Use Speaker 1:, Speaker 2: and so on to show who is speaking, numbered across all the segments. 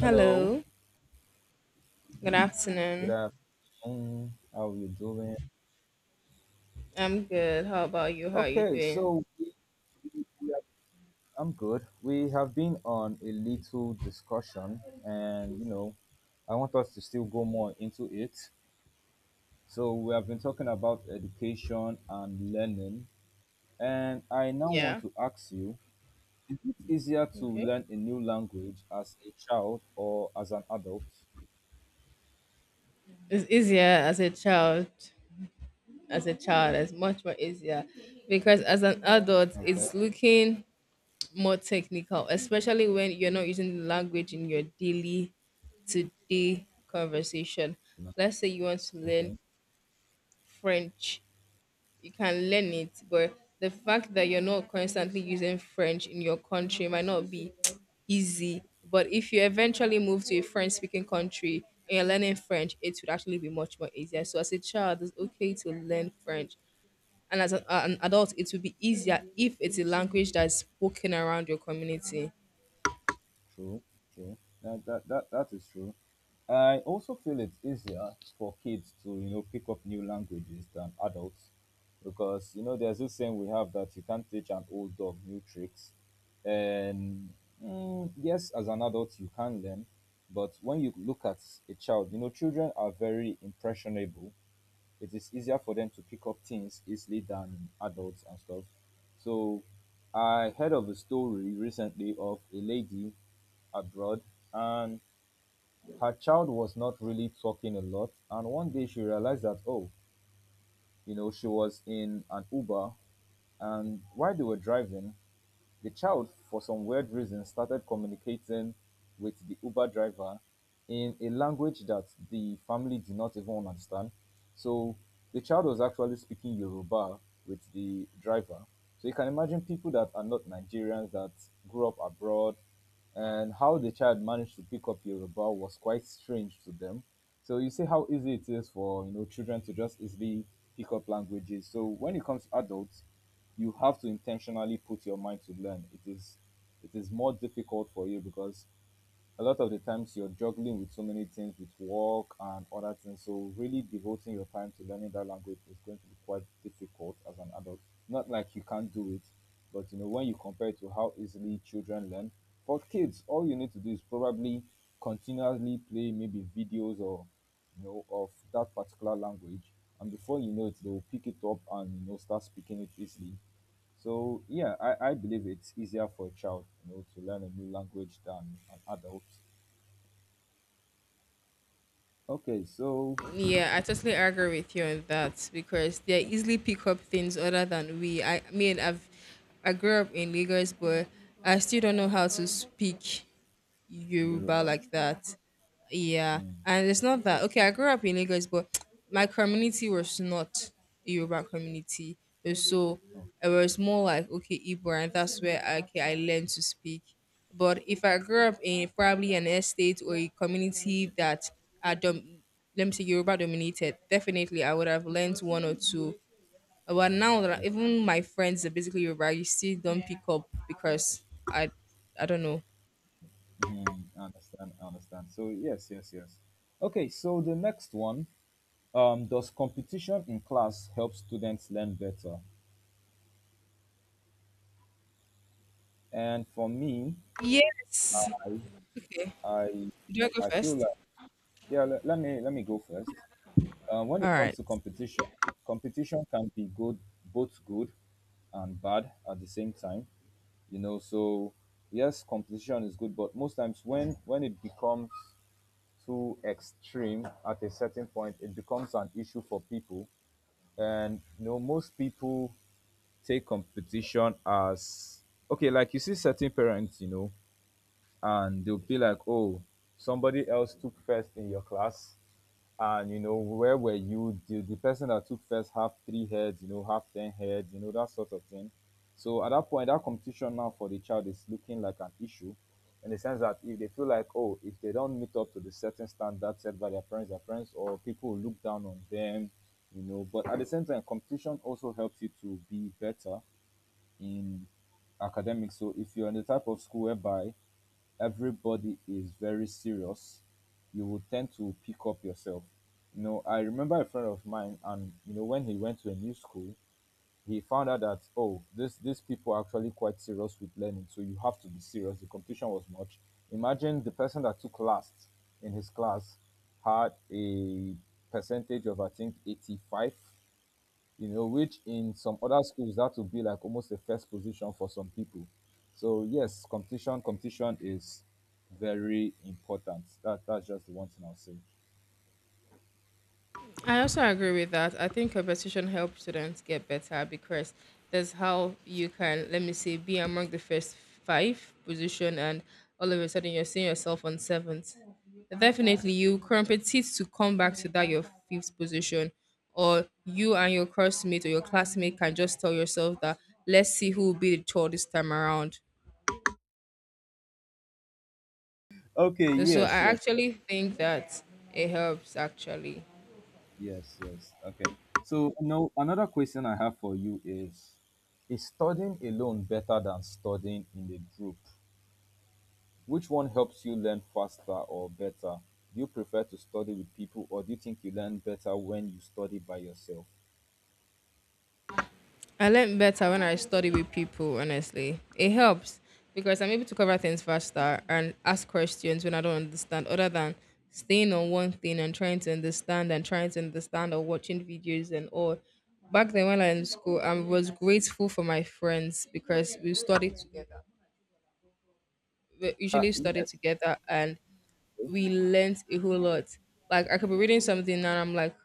Speaker 1: Hello,
Speaker 2: Hello. Good
Speaker 1: good
Speaker 2: afternoon.
Speaker 1: afternoon. How are you doing?
Speaker 2: I'm good. How about you? How are you
Speaker 1: Okay,
Speaker 2: doing?
Speaker 1: we, we have, I'm good. We have been on a little discussion, and I want us to still go more into it. So we have been talking about education and learning, and I now want
Speaker 2: Yeah.
Speaker 1: to ask you: Is it easier to
Speaker 2: Okay.
Speaker 1: learn a new language as a child or as an adult?
Speaker 2: It's easier as a child. As a child, it's much more easier because as an adult,
Speaker 1: Okay.
Speaker 2: it's looking more technical, especially when you're not using the language in your daily to day conversation.
Speaker 1: No.
Speaker 2: Let's say you want to learn
Speaker 1: Okay.
Speaker 2: French. You can learn it, but the fact that you're not constantly using French in your country might not be easy. But if you eventually move to a French speaking country and you're learning French, it would actually be much more easier. So as a child, it's okay to learn French. And as an adult, it will be easier if it's a language that's spoken around your community.
Speaker 1: True. True. That is true. I also feel it's easier for kids to, pick up new languages than adults because, there's this saying we have that you can't teach an old dog new tricks. And yes, as an adult, you can learn. But when you look at a child, children are very impressionable. It is easier for them to pick up things easily than adults and stuff. So I heard of a story recently of a lady abroad, and her child was not really talking a lot. And one day she realized that, oh, she was in an Uber. And while they were driving, the child, for some weird reason, started communicating with the Uber driver in a language that the family did not even understand. So the child was actually speaking Yoruba with the driver. So you can imagine people that are not Nigerians that grew up abroad, and how the child managed to pick up Yoruba was quite strange to them. So you see how easy it is for children to just easily pick up languages. So when it comes to adults, you have to intentionally put your mind to learn. It is more difficult for you because a lot of the times you're juggling with so many things with work and other things, so really devoting your time to learning that language is going to be quite difficult as an adult. Not like you can't do it, but when you compare it to how easily children learn, for kids all you need to do is probably continually play maybe videos or of that particular language, and before you know it they will pick it up and start speaking it easily. So yeah, I believe it's easier for a child, to learn a new language than an adult. Okay, so
Speaker 2: Yeah, I totally agree with you on that because they
Speaker 1: okay,
Speaker 2: easily pick up things other than we. I mean, I grew up in Lagos, but I still don't know how to speak Yoruba
Speaker 1: Yoruba.
Speaker 2: like that. Yeah,
Speaker 1: Mm,
Speaker 2: and it's not that okay. I grew up in Lagos, but my community was not a Yoruba community. It So
Speaker 1: oh,
Speaker 2: it was more like okay, Igbo, and that's where okay, I learned to speak. But if I grew up in probably an estate or a community that are let me say Yoruba dominated, definitely I would have learned one or two. But now that
Speaker 1: yeah.
Speaker 2: even my friends are basically Yoruba, you still don't pick up because I I don't know.
Speaker 1: Mhm, I understand. I understand. So yes, yes, yes. Okay, so the next one. Does competition in class help students learn better? And for me,
Speaker 2: Yes.
Speaker 1: I
Speaker 2: Okay.
Speaker 1: I
Speaker 2: Do I go
Speaker 1: I feel
Speaker 2: first?
Speaker 1: like yeah. Let me go first. When
Speaker 2: All
Speaker 1: it comes
Speaker 2: right.
Speaker 1: to competition, competition can be good, both good and bad at the same time, you know. So yes, competition is good, but most times, when it becomes too extreme at a certain point, it becomes an issue for people. And most people take competition as okay, like you see certain parents, and they'll be like, "Oh, somebody else took first in your class." And where were you? The person that took first have three heads, have ten heads, that sort of thing. So at that point, that competition now for the child is looking like an issue, in the sense that if they feel like, oh, if they don't meet up to the certain standard set by their parents, their friends or people will look down on them. But at the same time, competition also helps you to be better in academics. So if you're in the type of school whereby everybody is very serious, you will tend to pick up yourself. I remember a friend of mine, and when he went to a new school, he found out that, oh, this these people are actually quite serious with learning, so you have to be serious. The competition was much. Imagine the person that took last in his class had a percentage of, I think, 85, which in some other schools that would be like almost a first position for some people. So yes, competition is very important. That's just the one thing I'll say.
Speaker 2: I also agree with that. I think competition helps students get better because that's how you can, let me say, be among the first five position, and all of a sudden you're seeing yourself on seventh. Definitely, you compete to come back to that your fifth position, or you and your classmate or your classmate can just tell yourself that let's see who will be the tall this time around.
Speaker 1: Okay,
Speaker 2: And so I
Speaker 1: yes, yes,
Speaker 2: actually think that it helps actually.
Speaker 1: yes, yes. Okay. So no, another question I have for you is studying alone better than studying in a group? Which one helps you learn faster or better? Do you prefer to study with people, or do you think you learn better when you study by yourself?
Speaker 2: I learn better when I study with people, honestly. It helps because I'm able to cover things faster and ask questions when I don't understand, other than staying on one thing and trying to understand and trying to understand or watching videos and all. Back then, when I was in school, I was grateful for my friends because we studied together. We usually studied together and we learnt a whole lot. Like I could be reading something and I'm like,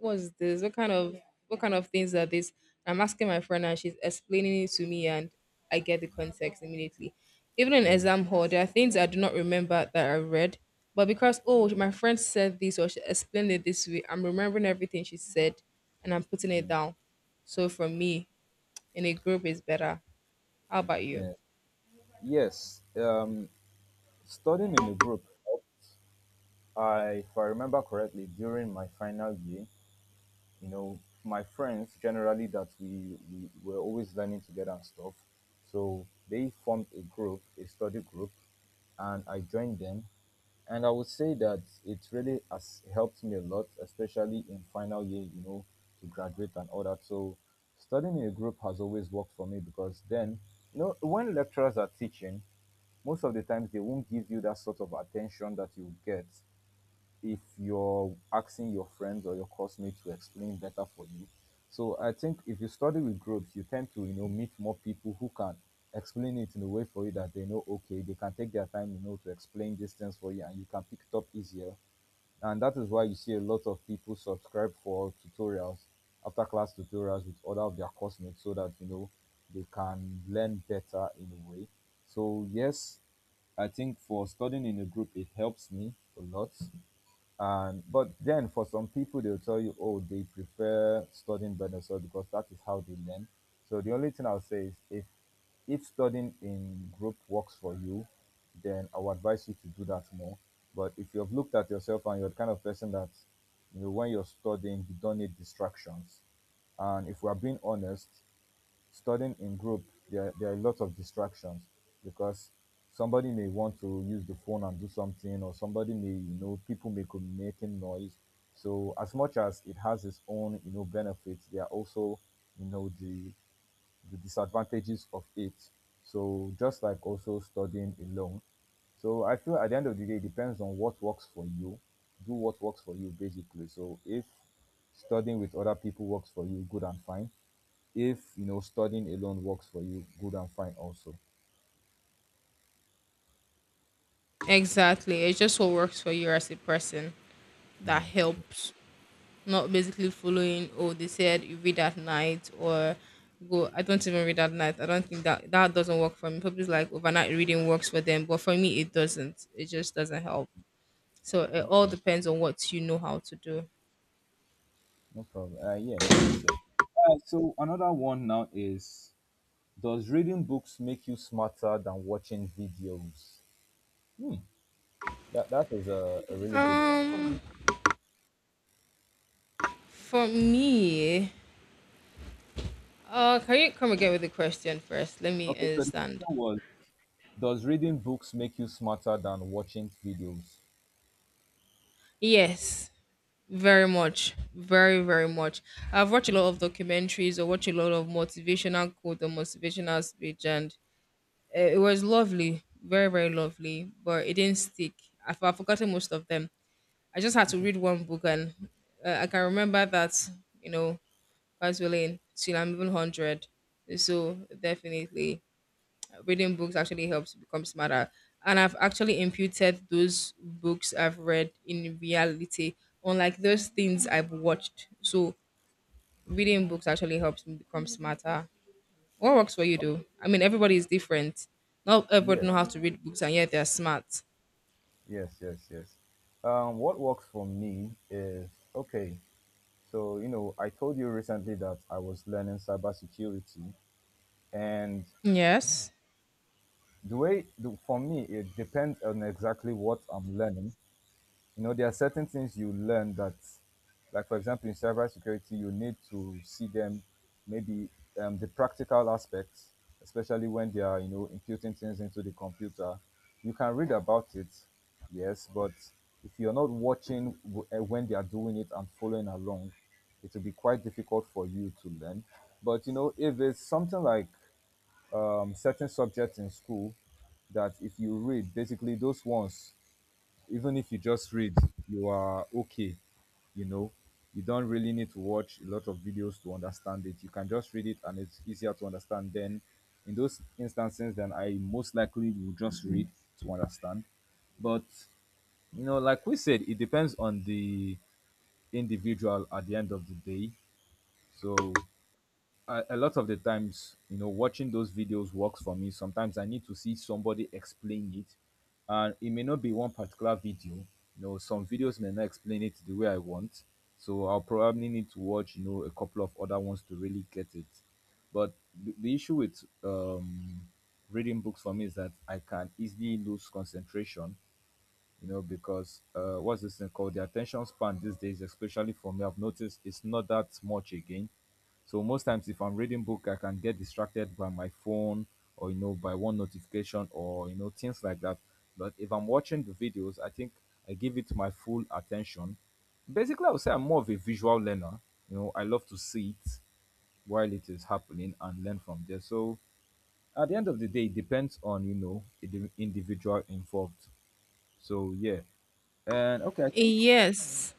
Speaker 2: what's this? What kind of things are this? I'm asking my friend and she's explaining it to me and I get the context immediately. Even in
Speaker 1: Yes.
Speaker 2: exam hall, there are things I do not remember that I read. But because oh my friend said this or she explained it this way, I'm remembering everything she said and I'm putting it
Speaker 1: Mm.
Speaker 2: down. So for me, in a group is better. How about you?
Speaker 1: Yeah. Yes, studying in the group helped. If I remember correctly, during my final year, my friends generally that we were always learning together and stuff. So they formed a group, a study group, and I joined them. And I would say that it really has helped me a lot, especially in final year, to graduate and all that. So studying in a group has always worked for me because then, when lecturers are teaching, most of the times they won't give you that sort of attention that you get if you're asking your friends or your classmates to explain better for you. So I think if you study with groups, you tend to meet more people who can explain it in a way for you, that they know okay, they can take their time, to explain these things for you, and you can pick it up easier. And that is why you see a lot of people subscribe for tutorials, after class tutorials with other of their classmates, so that they can learn better in a way. So yes, I think for studying in a group it helps me a lot. And But then for some people they'll tell you, oh, they prefer studying by themselves because that is how they learn. So the only thing I'll say is, if studying in group works for you, then I would advise you to do that more. But if you've looked at yourself and you're the kind of person that, when you're studying, you don't need distractions. And if we're being honest, studying in group, there are lots of distractions because somebody may want to use the phone and do something, or somebody may you know people may be making noise. So as much as it has its own, benefits, there are also, you know the the disadvantages of it, so just like also studying alone. So I feel at the end of the day it depends on what works for you. Do what works for you, basically. So if studying with other people works for you, good and fine. If studying alone works for you, good and fine also.
Speaker 2: Exactly. It's just what works for you as a person that
Speaker 1: Yeah. Yeah.
Speaker 2: helps, not basically following, oh they said you read at night or go. I don't even read at night. I don't think that, that doesn't work for me. People's like overnight reading works for them, but for me it doesn't. It just doesn't help. So it all
Speaker 1: Okay.
Speaker 2: depends on what you know how to do.
Speaker 1: No problem. Yes, yes, yes. So another one now is: does reading books make you smarter than watching videos? Hmm. That is a really good one.
Speaker 2: um for me, can you come again with the question first? Let me
Speaker 1: Okay, so the
Speaker 2: understand.
Speaker 1: question was: does reading books make you smarter than watching videos?
Speaker 2: Yes, very much, very very much. I've watched a lot of documentaries or watched a lot of motivational quote or motivational speech and it was lovely, very very lovely, but it didn't stick. I've forgotten most of them. I just had to read one book, and I can remember that, you know, God's willing, till I'm even 100. So definitely, reading books actually helps you become smarter. And I've actually imputed those books I've read in reality, unlike those things I've watched. So reading books actually helps me become smarter. What works for you though? I mean, everybody is different. Not everybody
Speaker 1: Yes,
Speaker 2: know how to read books, and yet they are smart.
Speaker 1: yes, yes, yes. What works for me is okay. So I told you recently that I was learning cybersecurity. And
Speaker 2: Yes.
Speaker 1: for me, it depends on exactly what I'm learning. There are certain things you learn that, like, for example, in cybersecurity, you need to see them, maybe the practical aspects, especially when they are, imputing things into the computer. You can read about it, yes, but if you're not watching, when they are doing it and following along, it will be quite difficult for you to learn. But if it's something like certain subjects in school that if you read, basically those ones, even if you just read, you are okay. You know, you don't really need to watch a lot of videos to understand it. You can just read it and it's easier to understand. Then, in those instances, then I most likely will just read to understand. But, like we said, it depends on the individual at the end of the day. So a lot of the times, watching those videos works for me. Sometimes I need to see somebody explain it, and it may not be one particular video. Some videos may not explain it the way I want, so I'll probably need to watch, a couple of other ones to really get it. But the issue with reading books for me is that I can easily lose concentration, because what's this thing called? The attention span these days, especially for me, I've noticed it's not that much again. So most times, if I'm reading book, I can get distracted by my phone or by one notification or things like that. But if I'm watching the videos, I think I give it my full attention. Basically, I would say I'm more of a visual learner. I love to see it while it is happening and learn from there. So at the end of the day, it depends on, the individual involved. So yeah, and okay, I think
Speaker 2: Yes.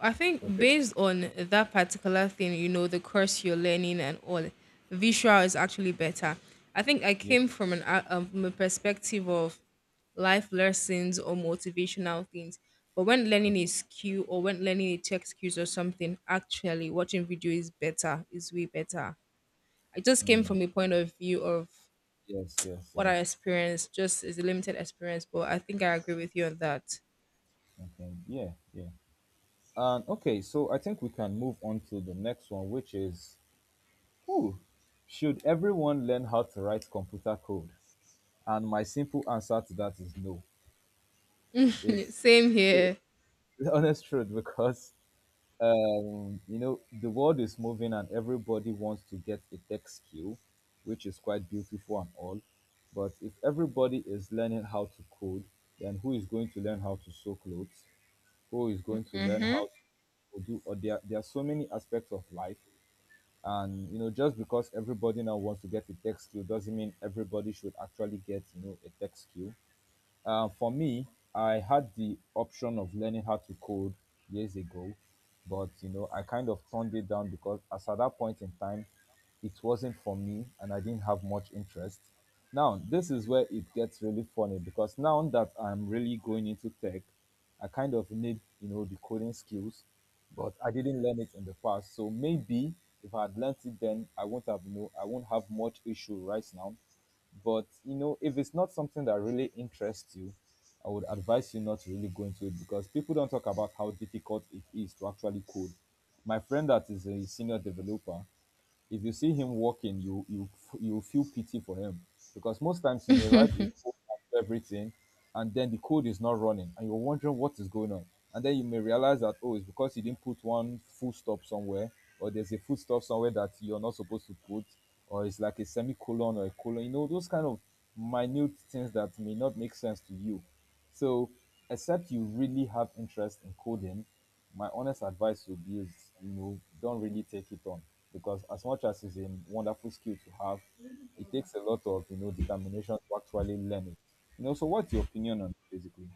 Speaker 2: I think
Speaker 1: okay,
Speaker 2: based on that particular thing, the course you're learning and all, visual is actually better. I think I
Speaker 1: yeah,
Speaker 2: came from a perspective of life lessons or motivational things. But when
Speaker 1: uh,
Speaker 2: learning is Q or when learning it to excuse or something, actually watching video is better, is way better. I just came from a point of view of
Speaker 1: yes, yes,
Speaker 2: what I
Speaker 1: yes.
Speaker 2: experienced just is a limited experience, but I think I agree with you on that.
Speaker 1: Okay, yeah, yeah. And okay, so I think we can move on to the next one, which is, ooh, should everyone learn how to write computer code? And my simple answer to that is no. If
Speaker 2: Same
Speaker 1: it,
Speaker 2: here.
Speaker 1: The honest truth, because the world is moving and everybody wants to get a tech skill, which is quite beautiful and all. But if everybody is learning how to code, then who is going to learn how to sew clothes? Who is going to learn
Speaker 2: hmm
Speaker 1: how to do? Or there are so many aspects of life, and just because everybody now wants to get a tech skill doesn't mean everybody should actually get, a tech skill. For me, I had the option of learning how to code years ago, but I kind of turned it down because as at that point in time, it wasn't for me and I didn't have much interest. Now, this is where it gets really funny because now that I'm really going into tech, I kind of need, the coding skills, but I didn't learn it in the past. So maybe if I had learned it then, I won't have much issue right now. But if it's not something that really interests you, I would advise you not to really go into it because people don't talk about how difficult it is to actually code. My friend that is a senior developer, if you see him walking, you feel pity for him, because most times you may write a code and everything, and then the code is not running, and you're wondering what is going on, and then you may realize that, oh, it's because you didn't put one full stop somewhere, or there's a full stop somewhere that you're not supposed to put, or it's like a semicolon or a colon, those kind of minute things that may not make sense to you. So, except you really have interest in coding, my honest advice would be is, don't really take it on, because as much as it's a wonderful skill to have, it takes a lot of, determination to actually learn it. So what's your opinion on it, basically?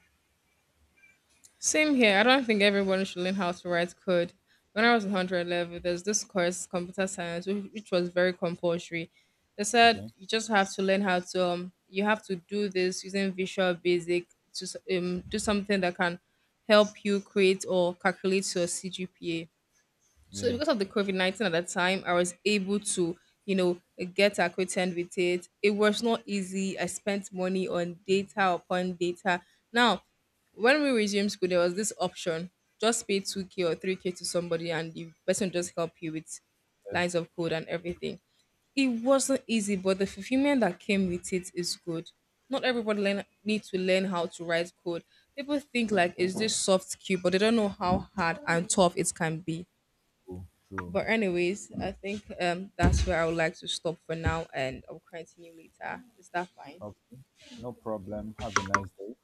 Speaker 2: Same here. I don't think everyone should learn how to write code. When I was in 100 level, there's this course, computer science, which was very compulsory. They said
Speaker 1: Okay.
Speaker 2: you have to do this using Visual Basic to do something that can help you create or calculate your CGPA. So
Speaker 1: Yeah.
Speaker 2: because of the COVID-19 at that time, I was able to, you know, get acquainted with it. It was not easy. I spent money on data upon data. Now, when we resumed school, there was this option: just pay 2K or 3K to somebody, and the person just help you with
Speaker 1: Yes.
Speaker 2: lines of code and everything. It wasn't easy, but the fulfillment that came with it is good. Not everybody needs to learn how to write code. People think like it's this soft skill, but they don't know how hard and tough it can be.
Speaker 1: True. True.
Speaker 2: But anyways, I think that's where I would like to stop for now and I'll continue later. Is that fine?
Speaker 1: Okay. No problem. Have a nice day.